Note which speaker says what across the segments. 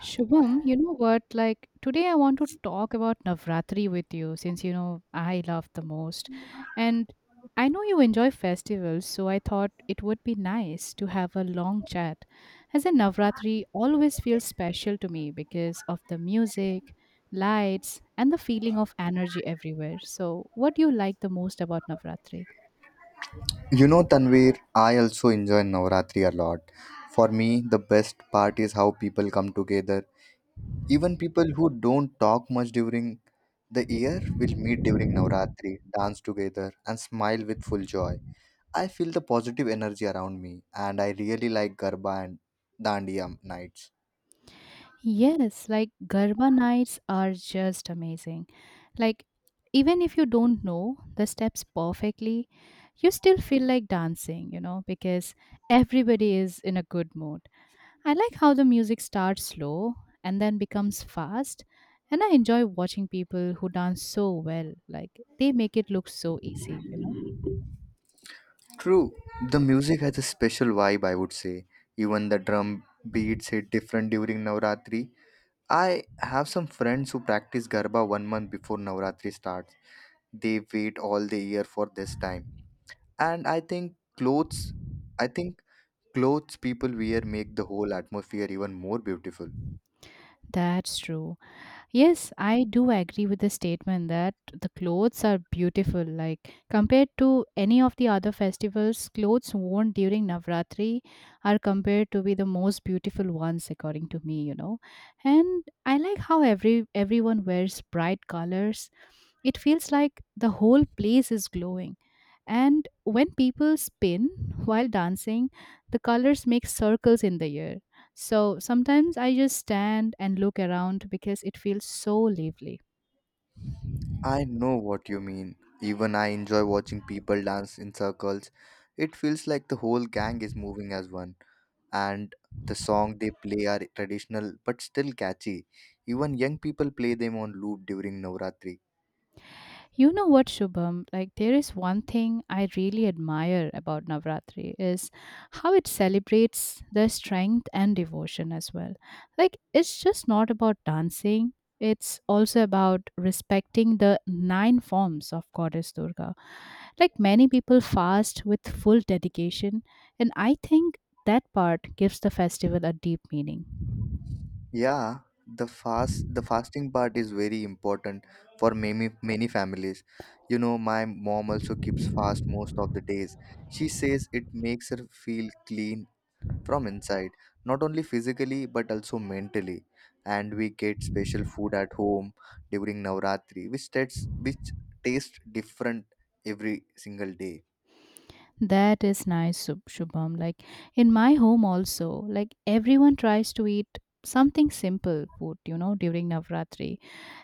Speaker 1: Shubham, you know what? Like today, I want to talk about Navratri with you since you know I love the most. And I know you enjoy festivals, so I thought it would be nice to have a long chat. As in, Navratri always feels special to me because of the music, lights, and the feeling of energy everywhere. So, what do you like the most about Navratri?
Speaker 2: You know, Tanvir, I also enjoy Navratri a lot. For me, the best part is how people come together. Even people who don't talk much during the year will meet during Navratri, dance together, and smile with full joy. I feel the positive energy around me, and I really like Garba and Dandiya nights.
Speaker 1: Yes, like Garba nights are just amazing. Like, even if you don't know the steps perfectly, you still feel like dancing, because everybody is in a good mood. I like how the music starts slow and then becomes fast. And I enjoy watching people who dance so well. Like, they make it look so easy, you know?
Speaker 2: True, the music has a special vibe, I would say. Even the drum beats hit different during Navratri. I have some friends who practice Garba 1 month before Navratri starts. They wait all the year for this time. And I think clothes people wear make the whole atmosphere even more beautiful.
Speaker 1: That's true. Yes, I do agree with the statement that the clothes are beautiful. Like compared to any of the other festivals, clothes worn during Navratri are compared to be the most beautiful ones according to me. And I like how everyone wears bright colors. It feels like the whole place is glowing. And when people spin while dancing, the colors make circles in the air. So sometimes I just stand and look around because it feels so lively.
Speaker 2: I know what you mean. Even I enjoy watching people dance in circles. It feels like the whole gang is moving as one. And the song they play are traditional but still catchy. Even young people play them on loop during Navratri.
Speaker 1: You know what, Shubham? Like there is one thing I really admire about Navratri is how it celebrates the strength and devotion as well. Like it's just not about dancing. It's also about respecting the nine forms of Goddess Durga. Like many people fast with full dedication, and I think that part gives the festival a deep meaning.
Speaker 2: Yeah, the fasting part is very important for many families. You know, my mom also keeps fast most of the days. She says it makes her feel clean from inside, not only physically but also mentally. And we get special food at home during Navratri, which tastes different every single day.
Speaker 1: That is nice, Shubham. Like in my home, also, like everyone tries to eat something simple food, during Navratri,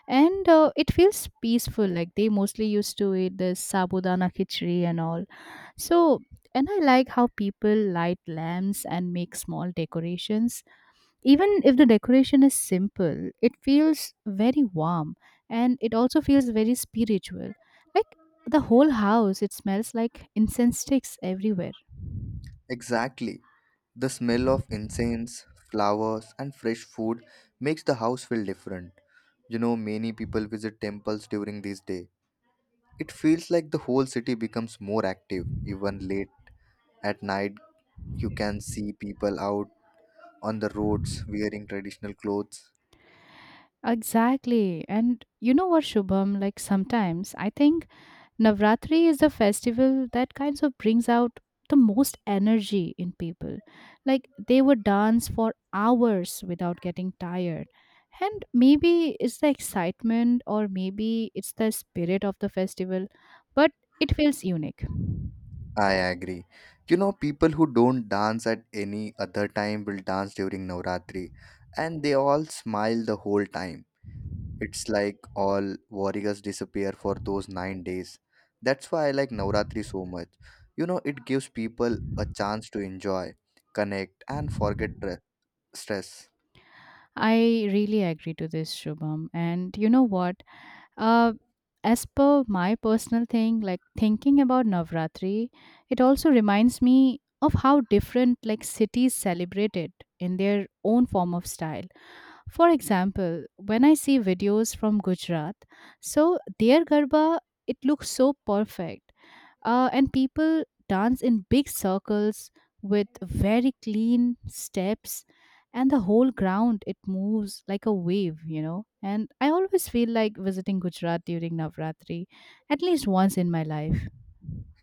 Speaker 1: and it feels peaceful. Like they mostly used to eat this sabudana khichdi and all. So, and I like how people light lamps and make small decorations, even if the decoration is simple, it feels very warm, and it also feels very spiritual. Like the whole house, it smells like incense sticks everywhere.
Speaker 2: Exactly. The smell of incense, flowers, and fresh food makes the house feel different. You know, many people visit temples during this day. It feels like the whole city becomes more active. Even late at night, you can see people out on the roads wearing traditional clothes.
Speaker 1: Exactly. And you know what, Shubham? Like sometimes I think Navratri is a festival that kind of brings out the most energy in people. Like they would dance for hours without getting tired. And maybe it's the excitement or maybe it's the spirit of the festival, but it feels unique.
Speaker 2: I agree. You know, people who don't dance at any other time will dance during Navratri and they all smile the whole time. It's like all warriors disappear for those 9 days. That's why I like Navratri so much. You know, it gives people a chance to enjoy, connect, and stress.
Speaker 1: I really agree to this, Shubham. And you know what? Uh, as per my personal thing, like thinking about Navratri, it also reminds me of how different like cities celebrate it in their own form of style. For example, when I see videos from Gujarat, so their garba it looks so perfect, and people dance in big circles with very clean steps, and the whole ground it moves like a wave, and I always feel like visiting Gujarat during Navratri at least once in my life.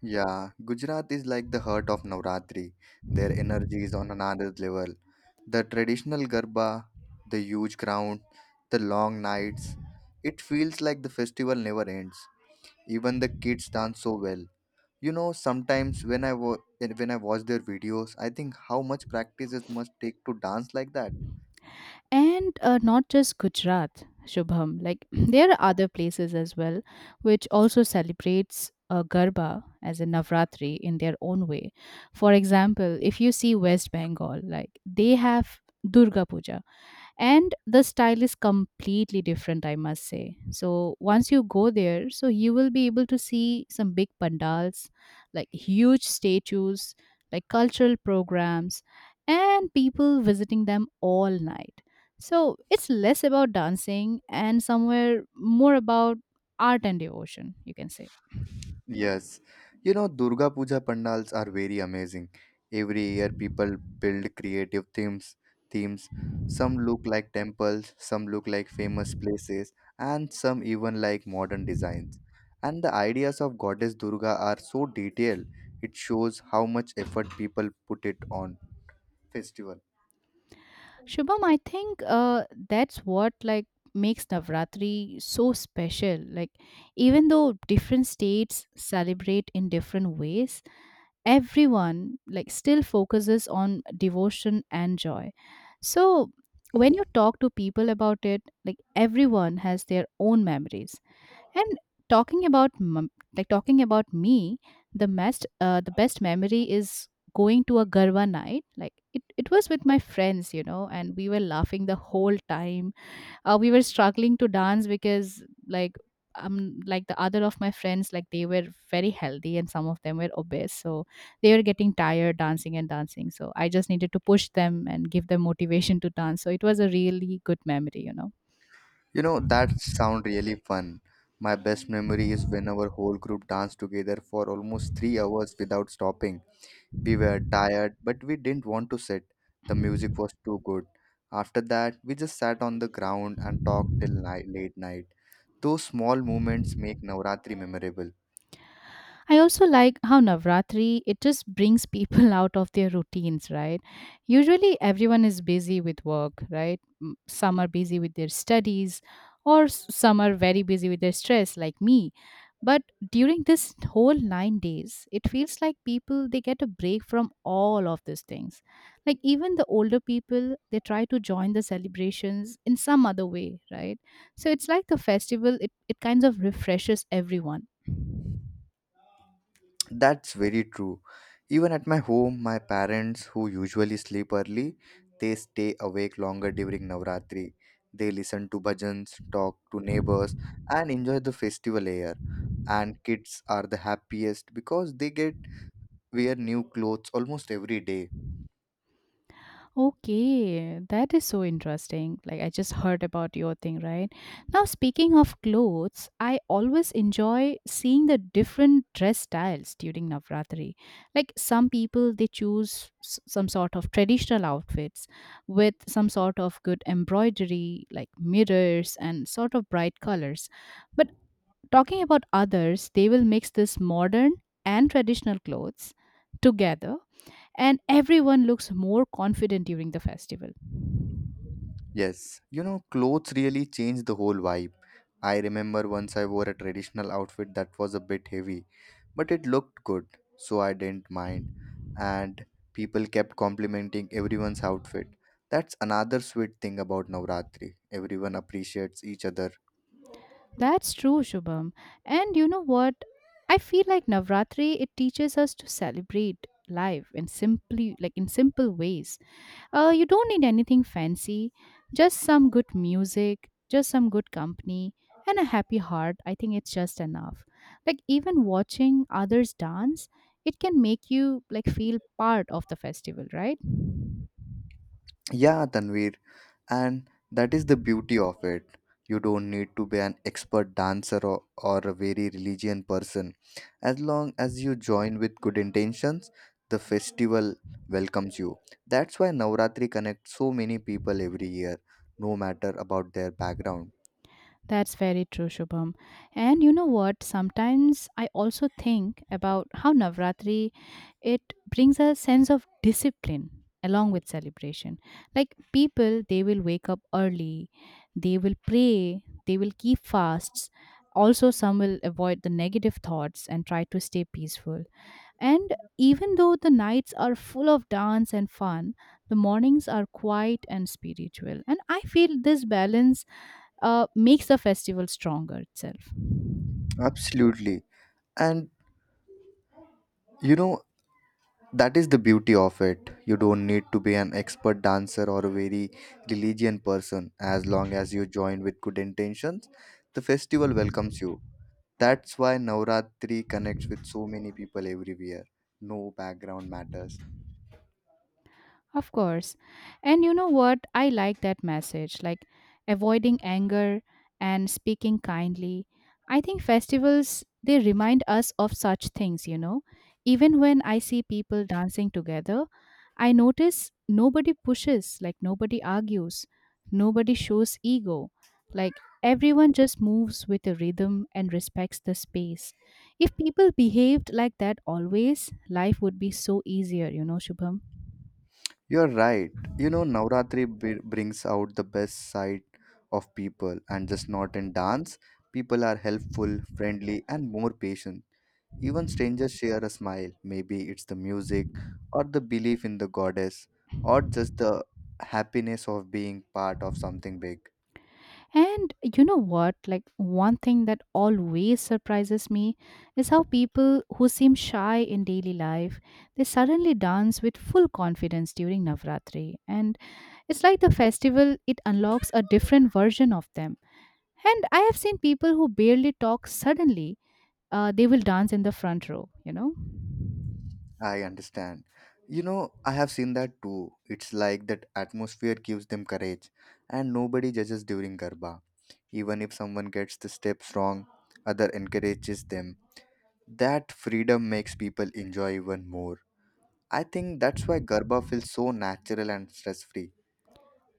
Speaker 2: Yeah, Gujarat is like the heart of Navratri. Their energy is on another level. The traditional Garba, the huge crowd, the long nights. It feels like the festival never ends. Even the kids dance so well. You know, sometimes when I watch their videos, I think how much practice it must take to dance like that.
Speaker 1: And not just Gujarat, Shubham, like there are other places as well which also celebrates garba as a Navratri in their own way. For example, if you see West Bengal, like they have Durga Puja, and the style is completely different, I must say. So once you go there, so you will be able to see some big pandals, like huge statues, like cultural programs, and people visiting them all night. So it's less about dancing and somewhere more about art and devotion, you can say.
Speaker 2: Yes, you know, Durga Puja pandals are very amazing. Every year people build creative themes. Some look like temples, some look like famous places, and some even like modern designs. And the ideas of Goddess Durga are so detailed. It shows how much effort people put it on festival.
Speaker 1: Shubham, I think that's what like makes Navratri so special. Like even though different states celebrate in different ways, everyone like still focuses on devotion and joy. So when you talk to people about it, like everyone has their own memories. And talking about mum- like talking about me, the best memory is going to a garba night. Like it was with my friends, and we were laughing the whole time. We were struggling to dance because like the other of my friends like they were very healthy and some of them were obese, so they were getting tired dancing and dancing. So I just needed to push them and give them motivation to dance. So it was a really good memory.
Speaker 2: You know, that sound really fun. My best memory is when our whole group danced together for almost 3 hours without stopping. We were tired, but we didn't want to sit. The music was too good. After that, we just sat on the ground and talked till night, late night. Those small moments make Navratri memorable.
Speaker 1: I also like how Navratri it just brings people out of their routines, right? Usually everyone is busy with work, right? Some are busy with their studies or some are very busy with their stress like me. But during this whole 9 days, it feels like people they get a break from all of these things. Like even the older people, they try to join the celebrations in some other way, right? So it's like the festival it kind of refreshes everyone.
Speaker 2: That's very true. Even at my home, my parents, who usually sleep early, they stay awake longer during Navratri. They listen to bhajans, talk to neighbors, and enjoy the festival air. And kids are the happiest because they get wear new clothes almost every day.
Speaker 1: Okay, that is so interesting. Like, I just heard about your thing, right? Now, speaking of clothes, I always enjoy seeing the different dress styles during Navratri. Like, some people they choose some sort of traditional outfits with some sort of good embroidery, like mirrors and sort of bright colors. But talking about others, they will mix this modern and traditional clothes together, and everyone looks more confident during the festival.
Speaker 2: Yes, you know, clothes really change the whole vibe. I remember once I wore a traditional outfit that was a bit heavy, but it looked good, so I didn't mind. And people kept complimenting everyone's outfit. That's another sweet thing about Navratri. Everyone appreciates each other.
Speaker 1: That's true, Shubham. And you know what? I feel like Navratri it teaches us to celebrate life in simply like in simple ways. You don't need anything fancy, just some good music, just some good company, and a happy heart. I think it's just enough. Like even watching others dance, it can make you like feel part of the festival, right?
Speaker 2: Yeah, Tanvir, and that is the beauty of it. You don't need to be an expert dancer or a very religious person. As long as you join with good intentions, the festival welcomes you. That's why Navratri connects so many people every year, no matter about their background.
Speaker 1: That's very true, Shubham. And you know what? Sometimes I also think about how Navratri it brings a sense of discipline along with celebration. Like people, they will wake up early, they will pray, they will keep fasts. Also, some will avoid the negative thoughts and try to stay peaceful. And even though the nights are full of dance and fun, the mornings are quiet and spiritual. And I feel this balance makes the festival stronger itself.
Speaker 2: Absolutely. And you know, that is the beauty of it. You don't need to be an expert dancer or a very religious person. As long as you join with good intentions, the festival welcomes you. That's why Navratri connects with so many people everywhere. No background matters.
Speaker 1: Of course. And you know what? I like that message like avoiding anger and speaking kindly. I think festivals, they remind us of such things. Even when I see people dancing together, I notice nobody pushes, like nobody argues, nobody shows ego. Like everyone just moves with a rhythm and respects the space. If people behaved like that always, life would be so easier, Shubham.
Speaker 2: You're right. You know, Navratri brings out the best side of people, and just not in dance. People are helpful, friendly, and more patient. Even strangers share a smile. Maybe it's the music, or the belief in the goddess, or just the happiness of being part of something big.
Speaker 1: And you know what? Like, one thing that always surprises me is how people who seem shy in daily life they suddenly dance with full confidence during Navratri. And it's like the festival, it unlocks a different version of them. And I have seen people who barely talk suddenly, they will dance in the front row, you know?
Speaker 2: I understand. You know, I have seen that too. It's like that atmosphere gives them courage, and nobody judges during Garba. Even if someone gets the steps wrong, other encourages them. That freedom makes people enjoy even more. I think that's why Garba feels so natural and stress free.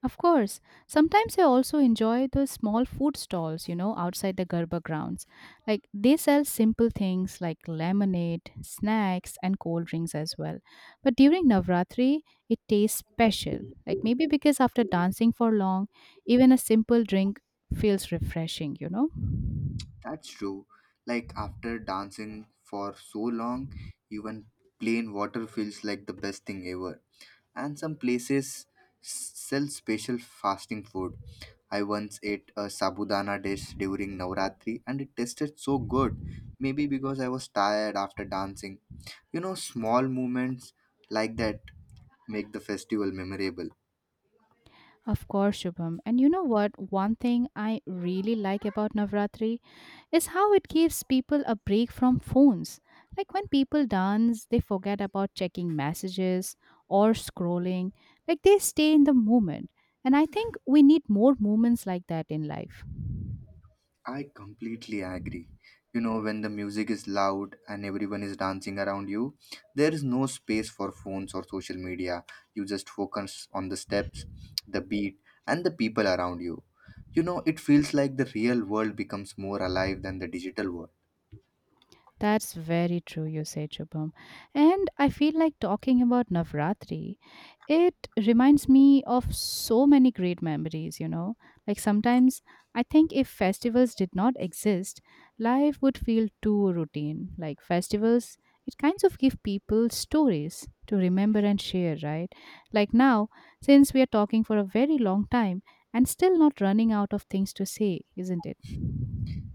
Speaker 1: Of course. Sometimes I also enjoy the small food stalls, outside the Garba grounds. Like they sell simple things like lemonade, snacks, and cold drinks as well. But during Navratri, it tastes special. Like maybe because after dancing for long, even a simple drink feels refreshing, you know?
Speaker 2: That's true. Like after dancing for so long, even plain water feels like the best thing ever. And some places sell special fasting food. I once ate a sabudana dish during Navratri and it tasted so good. Maybe because I was tired after dancing. You know, small moments like that make the festival memorable.
Speaker 1: Of course, Shubham. And you know what? One thing I really like about Navratri is how it gives people a break from phones. Like when people dance, they forget about checking messages or scrolling. Like they stay in the moment. And I think we need more moments like that in life.
Speaker 2: I completely agree. You know, when the music is loud and everyone is dancing around you, there is no space for phones or social media. You just focus on the steps, the beat, and the people around you. You know, it feels like the real world becomes more alive than the digital world.
Speaker 1: That's very true, you say, Shubham. And I feel like talking about Navratri, it reminds me of so many great memories. Like sometimes I think if festivals did not exist, life would feel too routine. Like festivals, it kinds of give people stories to remember and share, right? Like now, since we are talking for a very long time and still not running out of things to say, isn't it?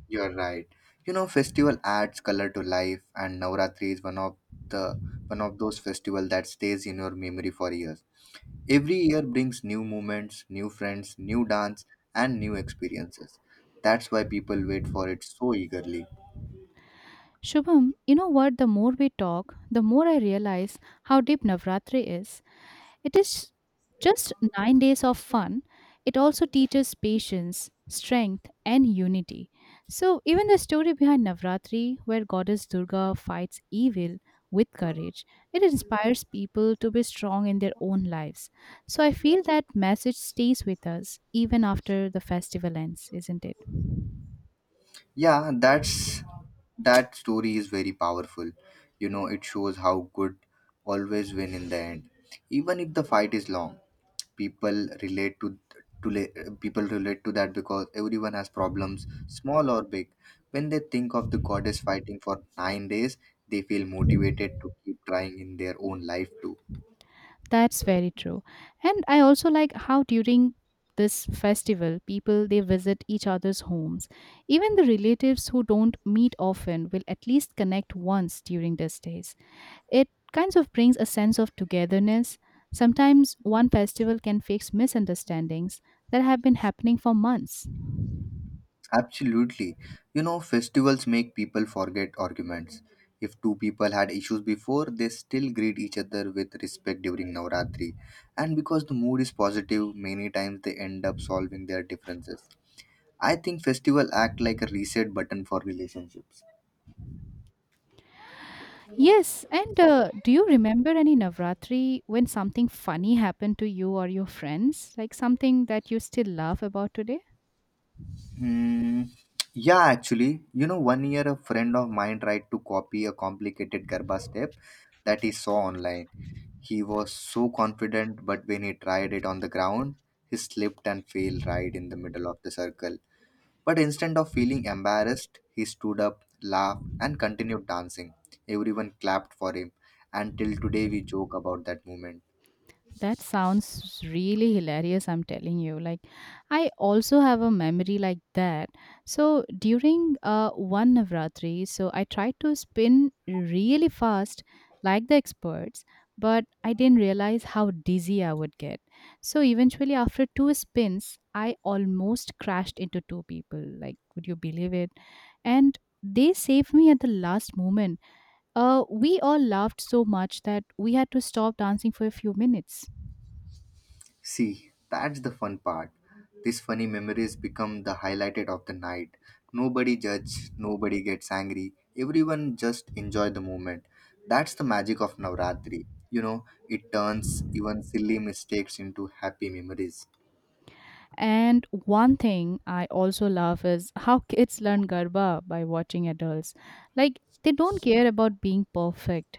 Speaker 2: You're right. You know, festival adds color to life, and Navratri is the one of those festival that stays in your memory for years. Every year brings new moments, new friends, new dance, and new experiences. That's why people wait for it so eagerly.
Speaker 1: Shubham, you know what? The more we talk, the more I realize how deep Navratri is. It is just 9 days of fun. It also teaches patience, strength, and unity. So, even the story behind Navratri, where Goddess Durga fights evil with courage, it inspires people to be strong in their own lives. So, I feel that message stays with us even after the festival ends, isn't it?
Speaker 2: Yeah, that story is very powerful. You know, it shows how good always win in the end, even if the fight is long. People relate people relate to that because everyone has problems, small or big. When they think of the goddess fighting for 9 days, they feel motivated to keep trying in their own life too.
Speaker 1: That's very true. And I also like how during this festival people they visit each other's homes. Even the relatives who don't meet often will at least connect once during these days. It kind of brings a sense of togetherness. Sometimes one festival can fix misunderstandings that have been happening for months.
Speaker 2: Absolutely. You know, festivals make people forget arguments. If two people had issues before, they still greet each other with respect during Navratri. And because the mood is positive, many times they end up solving their differences. I think festival act like a reset button for relationships.
Speaker 1: Yes, and do you remember any Navratri when something funny happened to you or your friends? Like something that you still laugh about today?
Speaker 2: Hmm. Yeah, actually, you know, one year a friend of mine tried to copy a complicated Garba step that he saw online. He was so confident, but when he tried it on the ground, he slipped and fell right in the middle of the circle. But instead of feeling embarrassed, he stood up, laughed, and continued dancing. Everyone clapped for him, and till today we joke about that moment.
Speaker 1: That sounds really hilarious, I'm telling you. Like, I also have a memory like that. So, during one Navratri, so I tried to spin really fast, like the experts, but I didn't realize how dizzy I would get. So, eventually, after two spins, I almost crashed into two people. Like, would you believe it? And they saved me at the last moment. We all laughed so much that we had to stop dancing for a few minutes.
Speaker 2: See, that's the fun part. These funny memories become the highlighted of the night. Nobody judge, nobody gets angry. Everyone just enjoy the moment. That's the magic of Navratri. You know, it turns even silly mistakes into happy memories.
Speaker 1: And one thing I also love is how kids learn Garba by watching adults. Like, they don't care about being perfect.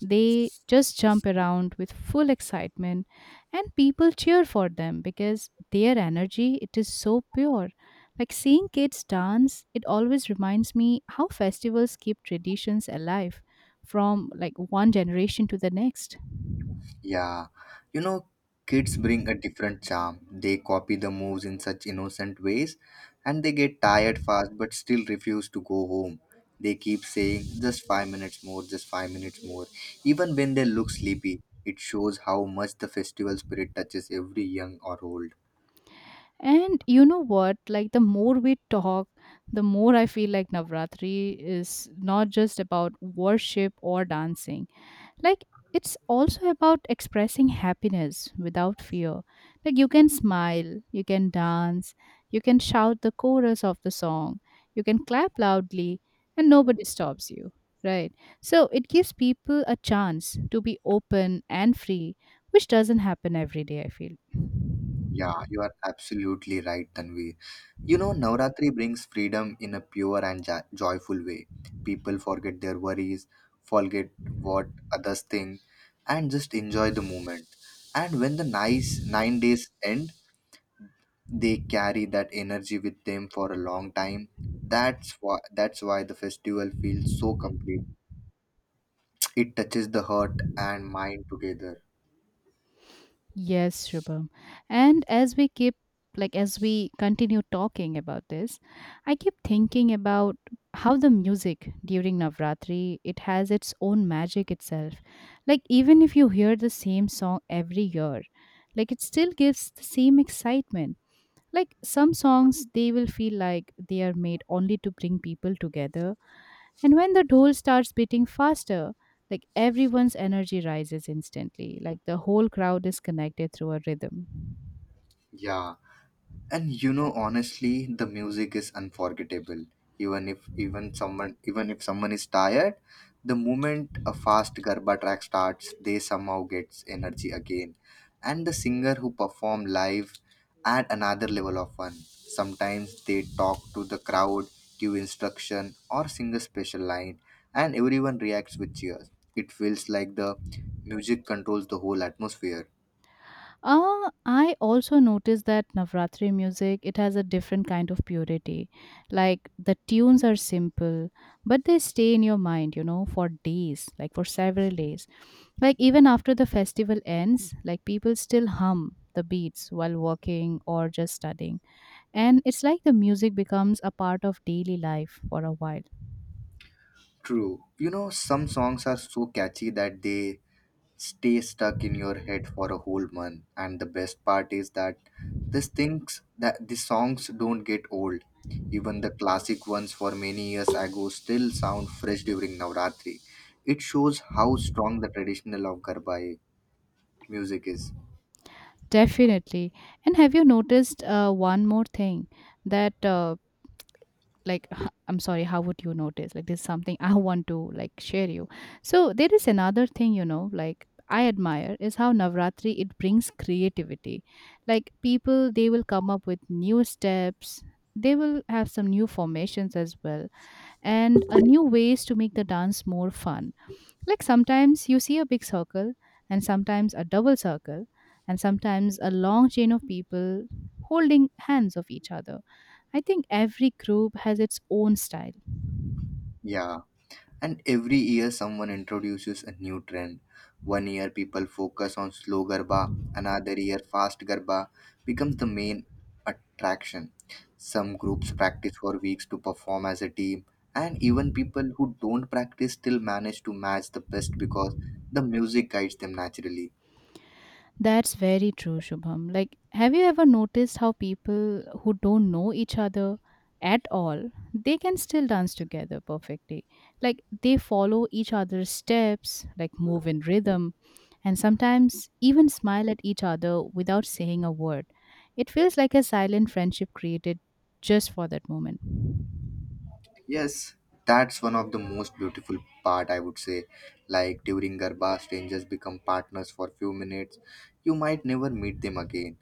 Speaker 1: They just jump around with full excitement and people cheer for them because their energy it is so pure. Like seeing kids dance, it always reminds me how festivals keep traditions alive from like one generation to the next.
Speaker 2: Yeah, you know, kids bring a different charm. They copy the moves in such innocent ways and they get tired fast but still refuse to go home. They keep saying just 5 minutes more, just 5 minutes more, even when they look sleepy. It shows how much the festival spirit touches every young or old.
Speaker 1: And you know what? Like the more we talk, the more I feel like Navratri is not just about worship or dancing. Like it's also about expressing happiness without fear. Like you can smile, you can dance, you can shout the chorus of the song, you can clap loudly, and nobody stops you. Right. So it gives people a chance to be open and free, which doesn't happen every day, I feel.
Speaker 2: Yeah, you are absolutely right, Tanvi. You know, Navratri brings freedom in a pure and joyful way. People forget their worries, forget what others think, and just enjoy the moment. And when the nice 9 days end, they carry that energy with them for a long time. That's why the festival feels so complete. It touches the heart and mind together.
Speaker 1: Yes, Shubham. And as we keep, like, as we continue talking about this, I keep thinking about how the music during Navratri it has its own magic itself. Like, even if you hear the same song every year, like it still gives the same excitement. Like some songs they will feel like they are made only to bring people together, and when the dhol starts beating faster, like everyone's energy rises instantly, like the whole crowd is connected through a rhythm.
Speaker 2: Yeah. And you know, honestly, the music is unforgettable. Even if someone is tired, the moment a fast garba track starts, they somehow gets energy again. And the singer who perform live add another level of fun. Sometimes they talk to the crowd, give instruction, or sing a special line, and everyone reacts with cheers. It feels like the music controls the whole atmosphere.
Speaker 1: I also noticed that Navratri music, it has a different kind of purity. Like the tunes are simple, but they stay in your mind, you know, for days, like for several days. Like even after the festival ends, like people still hum the beats while walking or just studying. And it's like the music becomes a part of daily life for a while.
Speaker 2: True. You know, some songs are so catchy that they stay stuck in your head for a whole month. And the best part is that this things, that the songs don't get old. Even the classic ones for many years ago still sound fresh during Navratri. It shows how strong the traditional of Garba music is.
Speaker 1: Definitely. And have you noticed one more thing that like I'm sorry, how would you notice, like there's something I want to like share you. So there is another thing, you know, like I admire is how Navratri it brings creativity. Like people they will come up with new steps, they will have some new formations as well, and a new ways to make the dance more fun. Like sometimes you see a big circle, and sometimes a double circle, and sometimes a long chain of people holding hands of each other. I think every group has its own style.
Speaker 2: Yeah. And every year, someone introduces a new trend. One year, people focus on slow garba, another year, fast garba becomes the main attraction. Some groups practice for weeks to perform as a team, and even people who don't practice still manage to match the best because the music guides them naturally.
Speaker 1: That's very true, Shubham. Like, have you ever noticed how people who don't know each other at all, they can still dance together perfectly. Like, they follow each other's steps, like move in rhythm, and sometimes even smile at each other without saying a word. It feels like a silent friendship created just for that moment.
Speaker 2: Yes, that's one of the most beautiful part I would say. Like during Garba, strangers become partners for few minutes. You might never meet them again,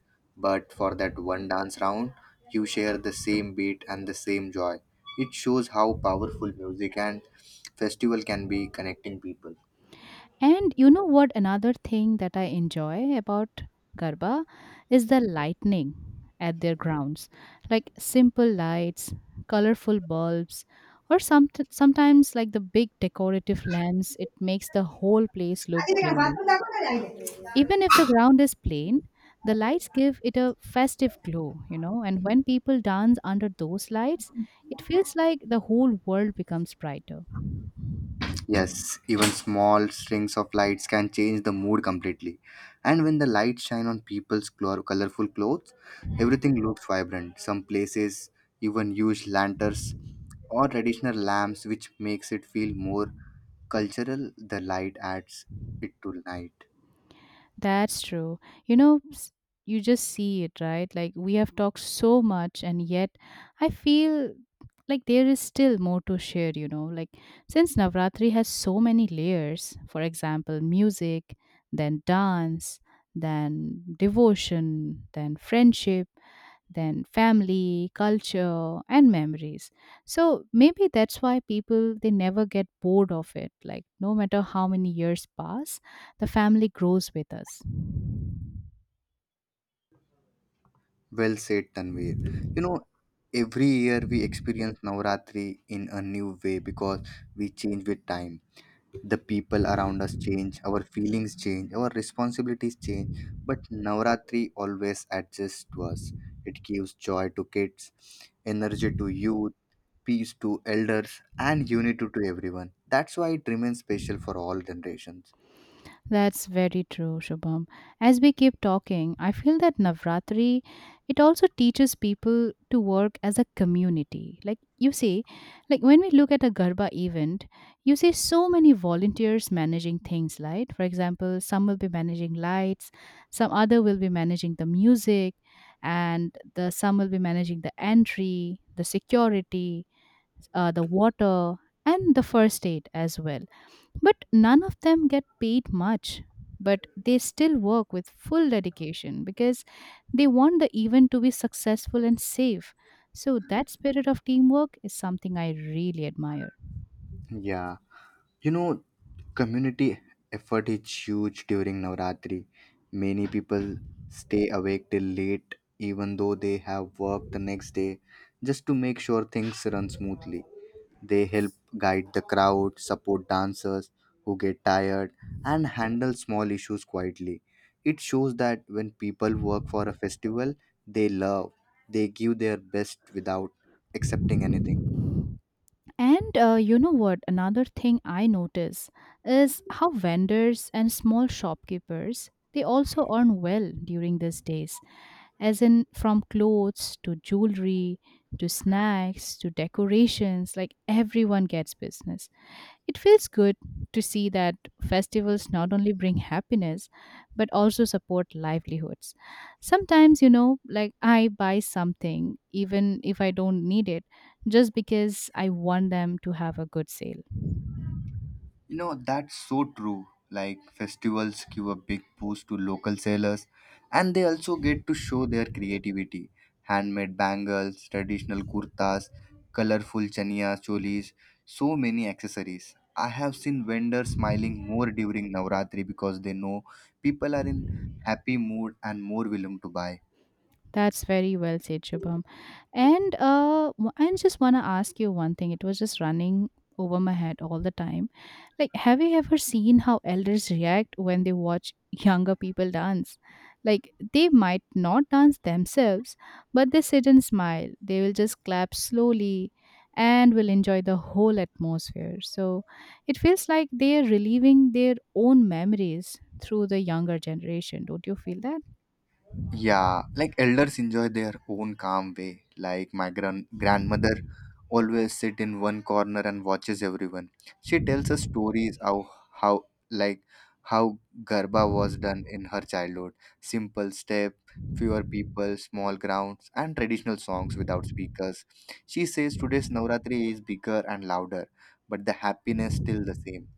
Speaker 2: but for that one dance round, you share the same beat and the same joy. It shows how powerful music and festival can be connecting people.
Speaker 1: And you know what? Another thing that I enjoy about Garba is the lightning at their grounds, like simple lights, colorful bulbs, or some sometimes like the big decorative lamps. It makes the whole place look dreamy. Even if the ground is plain, the lights give it a festive glow, you know. And when people dance under those lights, it feels like the whole world becomes brighter.
Speaker 2: Yes, even small strings of lights can change the mood completely. And when the lights shine on people's colorful clothes, everything looks vibrant. Some places even use lanterns or traditional lamps, which makes it feel more cultural. The light adds it to night.
Speaker 1: That's true. You know, you just see it, right? Like we have talked so much, and yet I feel like there is still more to share, you know. Like since Navratri has so many layers, for example, music, then dance, then devotion, then friendship, then family, culture, and memories. So maybe that's why people they never get bored of it. Like no matter how many years pass, the family grows with us.
Speaker 2: Well said, Tanvir. You know, every year we experience Navratri in a new way because we change with time. The people around us change, our feelings change, our responsibilities change, but Navratri always adjusts to us. It gives joy to kids, energy to youth, peace to elders, and unity to everyone. That's why it remains special for all generations.
Speaker 1: That's very true, Shubham. As we keep talking, I feel that Navratri it also teaches people to work as a community. Like you see, like when we look at a Garba event, you see so many volunteers managing things, right? For example, some will be managing lights, some other will be managing the music, and the some will be managing the entry, the security, the water, and the first aid as well, but none of them get paid much. But they still work with full dedication because they want the event to be successful and safe. So, that spirit of teamwork is something I really admire.
Speaker 2: Yeah, you know, community effort is huge during Navratri. Many people stay awake till late even though they have work the next day, just to make sure things run smoothly. They help guide the crowd, support dancers who get tired, and handle small issues quietly. It shows that when people work for a festival they love, they give their best without accepting anything.
Speaker 1: And you know what? Another thing I notice is how vendors and small shopkeepers they also earn well during these days, as in from clothes to jewelry to snacks to decorations. Like everyone gets business. It feels good to see that festivals not only bring happiness but also support livelihoods. Sometimes, you know, like I buy something even if I don't need it just because I want them to have a good sale.
Speaker 2: You know, that's so true. Like festivals give a big boost to local sellers, and they also get to show their creativity. Handmade bangles, traditional kurtas, colorful chaniya cholis, so many accessories. I have seen vendors smiling more during Navratri because they know people are in happy mood and more willing to buy.
Speaker 1: That's very well said, Shubham. And I just want to ask you one thing. It was just running over my head all the time. Like, have you ever seen how elders react when they watch younger people dance? Like, they might not dance themselves, but they sit and smile. They will just clap slowly and will enjoy the whole atmosphere. So it feels like they are reliving their own memories through the younger generation. Don't you feel that?
Speaker 2: Yeah, like elders enjoy their own calm way. Like my grandmother always sit in one corner and watches everyone. She tells us stories how like how garba was done in her childhood. Simple step, fewer people, small grounds, and traditional songs without speakers. She says today's Navratri is bigger and louder, but the happiness still the same.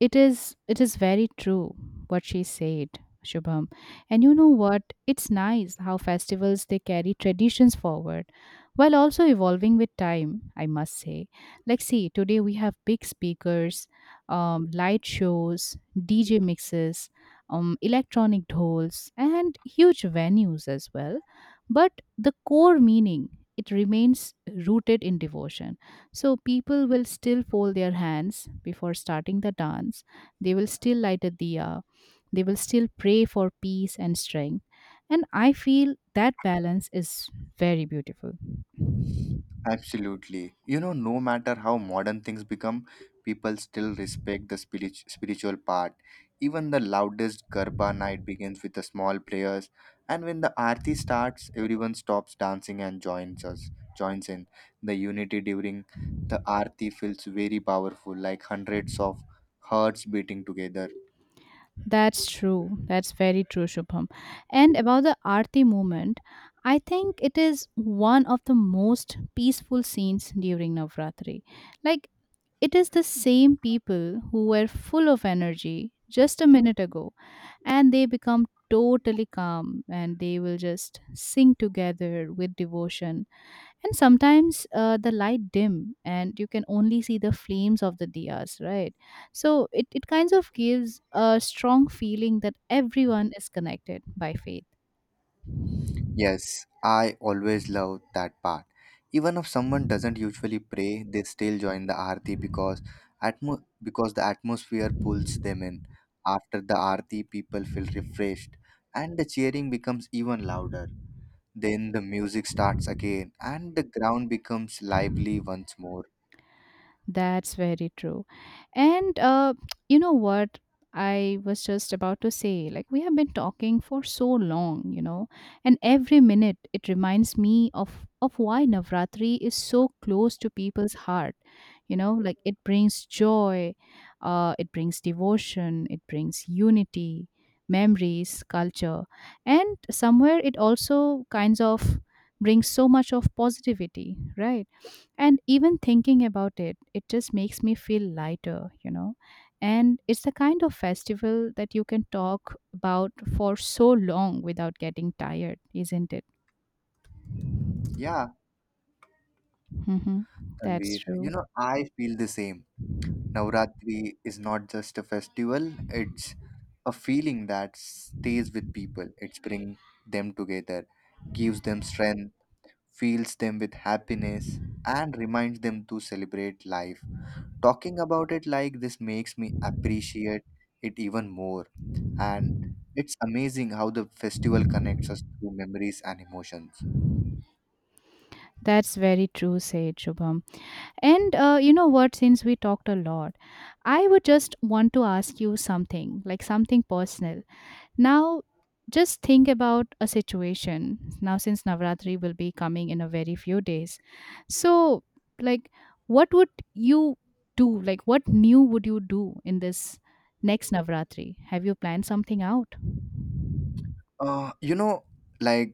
Speaker 1: It is it is very true what she said, Shubham. And you know what? It's nice how festivals they carry traditions forward while also evolving with time, I must say. Like see, today we have big speakers, light shows, DJ mixes, electronic dolls, and huge venues as well. But the core meaning it remains rooted in devotion, so people will still fold their hands before starting the dance. They will still light a diya. They will still pray for peace and strength. And I feel that balance is very beautiful.
Speaker 2: Absolutely. You know, no matter how modern things become, people still respect the spiritual part. Even the loudest Garba night begins with the small prayers, and when the Aarti starts, everyone stops dancing and joins us. Joins in. The unity during the Aarti feels very powerful, like hundreds of hearts beating together.
Speaker 1: That's true. That's very true, Shubham. And about the Aarti movement, I think it is one of the most peaceful scenes during Navratri. Like it is the same people who were full of energy just a minute ago, and they become totally calm and they will just sing together with devotion. And sometimes the light dim and you can only see the flames of the diyas, right? So it kind of gives a strong feeling that everyone is connected by faith.
Speaker 2: Yes, I always love that part. Even if someone doesn't usually pray, they still join the aarti because because the atmosphere pulls them in. After the aarti, people feel refreshed, and the cheering becomes even louder. Then the music starts again, and the ground becomes lively once more.
Speaker 1: That's very true. And you know what? I was just about to say, like, we have been talking for so long, you know, and every minute it reminds me of why Navratri is so close to people's heart. You know, like it brings joy, it brings devotion, it brings unity, memories, culture, and somewhere it also kinds of brings so much of positivity, right? And even thinking about it, it just makes me feel lighter, you know. And it's the kind of festival that you can talk about for so long without getting tired, isn't it?
Speaker 2: Yeah,
Speaker 1: Mm-hmm. That's
Speaker 2: Tanvir, you know
Speaker 1: true.
Speaker 2: I feel the same. Navratri is not just a festival, it's a feeling that stays with people. It brings them together, gives them strength, fills them with happiness, and reminds them to celebrate life. Talking about it like this makes me appreciate it even more. And it's amazing how the festival connects us through memories and emotions.
Speaker 1: That's very true, said Shubham. And you know what? Since we talked a lot, I would just want to ask you something, like something personal. Now, just think about a situation. Now, since Navratri will be coming in a very few days, so like, what would you do? Like, what new would you do in this next Navratri? Have you planned something out?
Speaker 2: You know, like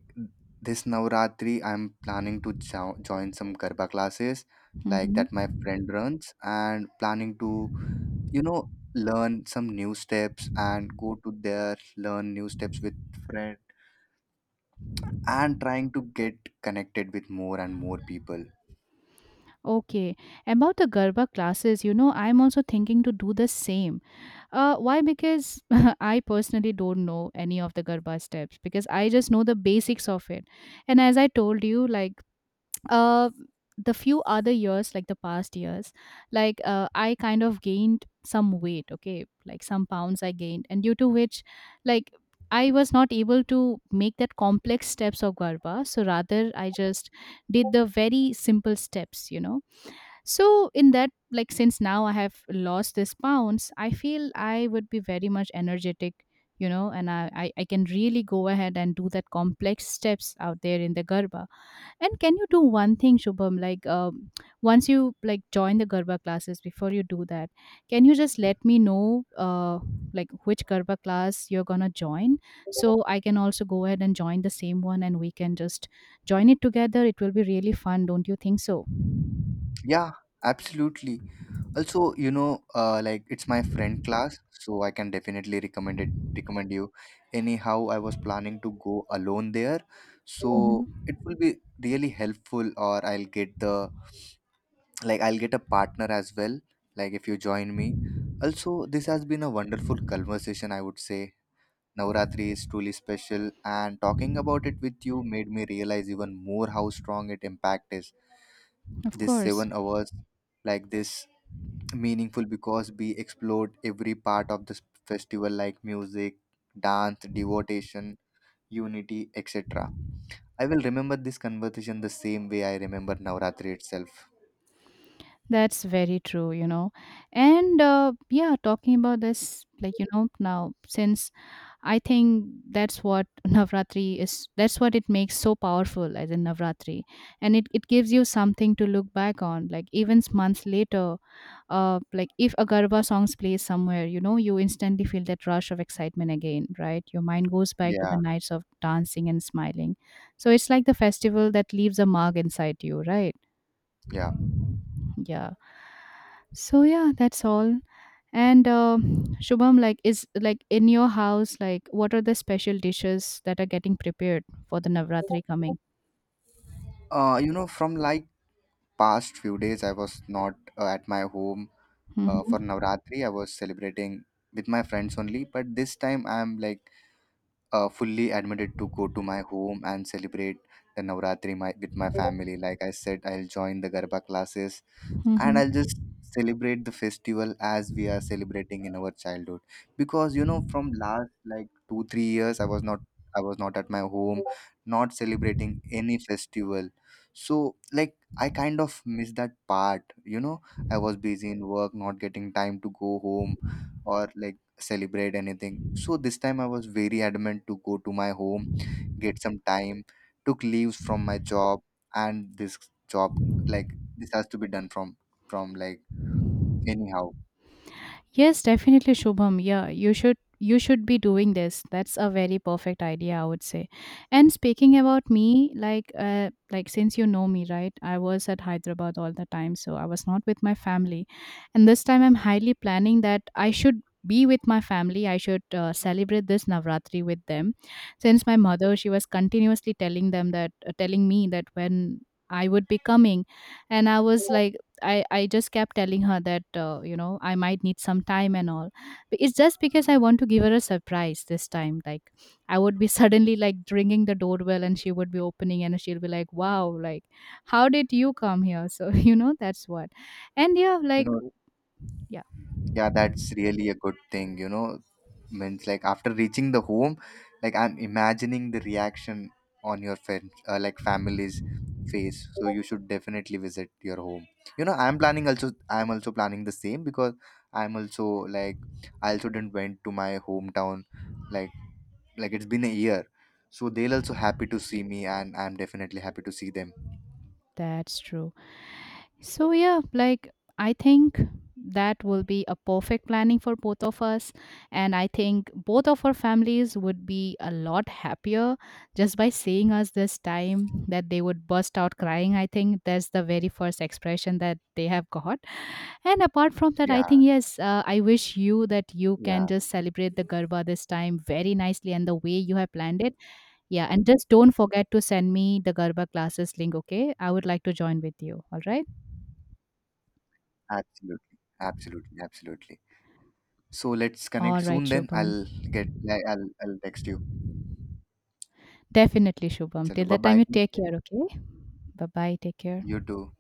Speaker 2: this Navratri, I'm planning to join some Garba classes like that
Speaker 1: Hmm.
Speaker 2: my friend runs, and planning to, you know, learn some new steps and go to there, learn new steps with friend, and trying to get connected with more and more people.
Speaker 1: Okay. About the Garba classes, you know, I'm also thinking to do the same. Why? Because I personally don't know any of the Garba steps because I just know the basics of it. And as I told you, like uh, the few other years, like the past years, like I kind of gained some weight, okay, like some pounds I gained, and due to which, like I was not able to make that complex steps of Garba, so rather I just did the very simple steps, you know. So in that, like since now I have lost these pounds, I feel I would be very much energetic, you know, and I can really go ahead and do that complex steps out there in the Garba. And can you do one thing, Shubham? Like, once you like join the Garba classes, before you do that, can you just let me know, like which Garba class you're gonna join, so I can also go ahead and join the same one, and we can just join it together. It will be really fun, don't you think so?
Speaker 2: Yeah, absolutely. Also, you know, like it's my friend class, so I can definitely recommend it. Recommend you. Anyhow, I was planning to go alone there,
Speaker 1: Mhm.
Speaker 2: so it will be really helpful. Or I'll get the like I'll get a partner as well. Like if you join me. Also, this has been a wonderful conversation. I would say Navratri is truly special, and talking about it with you made me realize even more how strong it impact is.
Speaker 1: Of
Speaker 2: This
Speaker 1: course.
Speaker 2: 7 hours, like this meaningful because we explored every part of this festival like music, dance, devotion, unity, etc. I will remember this conversation the same way I remember Navratri itself.
Speaker 1: That's very true, you know. And yeah, talking about this, like, you know, now since I think that's what Navratri is, that's what it makes so powerful as in Navratri. And it gives you something to look back on. Like, even months later, like if a Garba songs plays somewhere, you know, you instantly feel that rush of excitement again, right? Your mind goes back to
Speaker 2: Yeah,
Speaker 1: the nights of dancing and smiling. So it's like the festival that leaves a mark inside you, right?
Speaker 2: yeah.
Speaker 1: Yeah. So yeah, that's all. And Shubham, like is, like in your house, like what are the special dishes that are getting prepared for the Navratri coming?
Speaker 2: You know, from like past few days, I was not at my home for
Speaker 1: Mm-hmm.
Speaker 2: Navratri. I was celebrating with my friends only, but this time I am like fully admitted to go to my home and celebrate the Navratri my, with my family. Like I said, I'll join the Garba classes and I'll
Speaker 1: Mm-hmm.
Speaker 2: just celebrate the festival as we are celebrating in our childhood. Because you know, from last like 2 3 years, I was not at my home, not celebrating any festival. So like I kind of miss that part. You know, I was busy in work, not getting time to go home or like celebrate anything. So this time I was very adamant to go to my home, get some time, took leaves from my job, and this job like this has to be done from like anyhow.
Speaker 1: Yes, definitely, Shubham. Yeah, you should be doing this. That's a very perfect idea, I would say. And speaking about me, like since you know me, right? I was at Hyderabad all the time, so I was not with my family. And this time, I'm highly planning that I should be with my family. I should celebrate this Navratri with them, since my mother she was continuously telling them that telling me that when I would be coming, and I was like I just kept telling her that you know, I might need some time and all. But it's just because I want to give her a surprise this time. Like I would be suddenly like ringing the doorbell, and she would be opening and she'll be like, wow, like how did you come here? So you know, that's what. And yeah,
Speaker 2: You
Speaker 1: like
Speaker 2: know,
Speaker 1: yeah,
Speaker 2: yeah, that's really a good thing, you know. Means like after reaching the home, like I'm imagining the reaction on your friend like family's face. So you should definitely visit your home, you know. I'm planning also, I'm also planning the same because I'm also like I also didn't went to my hometown, like like it's been a year, so they'll also happy to see me and I'm definitely happy to see them.
Speaker 1: that's true. So, yeah, like I think that will be a perfect planning for both of us. And I think both of our families would be a lot happier just by seeing us this time that they would burst out crying. I think that's the very first expression that they have got. And apart from that, I
Speaker 2: Yeah,
Speaker 1: think, yes, I wish you that you can
Speaker 2: yeah,
Speaker 1: just celebrate the Garba this time very nicely and the way you have planned it. Yeah. And just don't forget to send me the Garba classes link, okay? I would like to join with you. All right.
Speaker 2: absolutely, absolutely. So let's connect
Speaker 1: All right,
Speaker 2: soon then. I'll get
Speaker 1: Shubham.
Speaker 2: I- I'll text you.
Speaker 1: Definitely, Shubham.
Speaker 2: Chalo,
Speaker 1: Till
Speaker 2: bye
Speaker 1: that time,
Speaker 2: bye.
Speaker 1: you take care, okay? Bye bye. Take care.
Speaker 2: You too.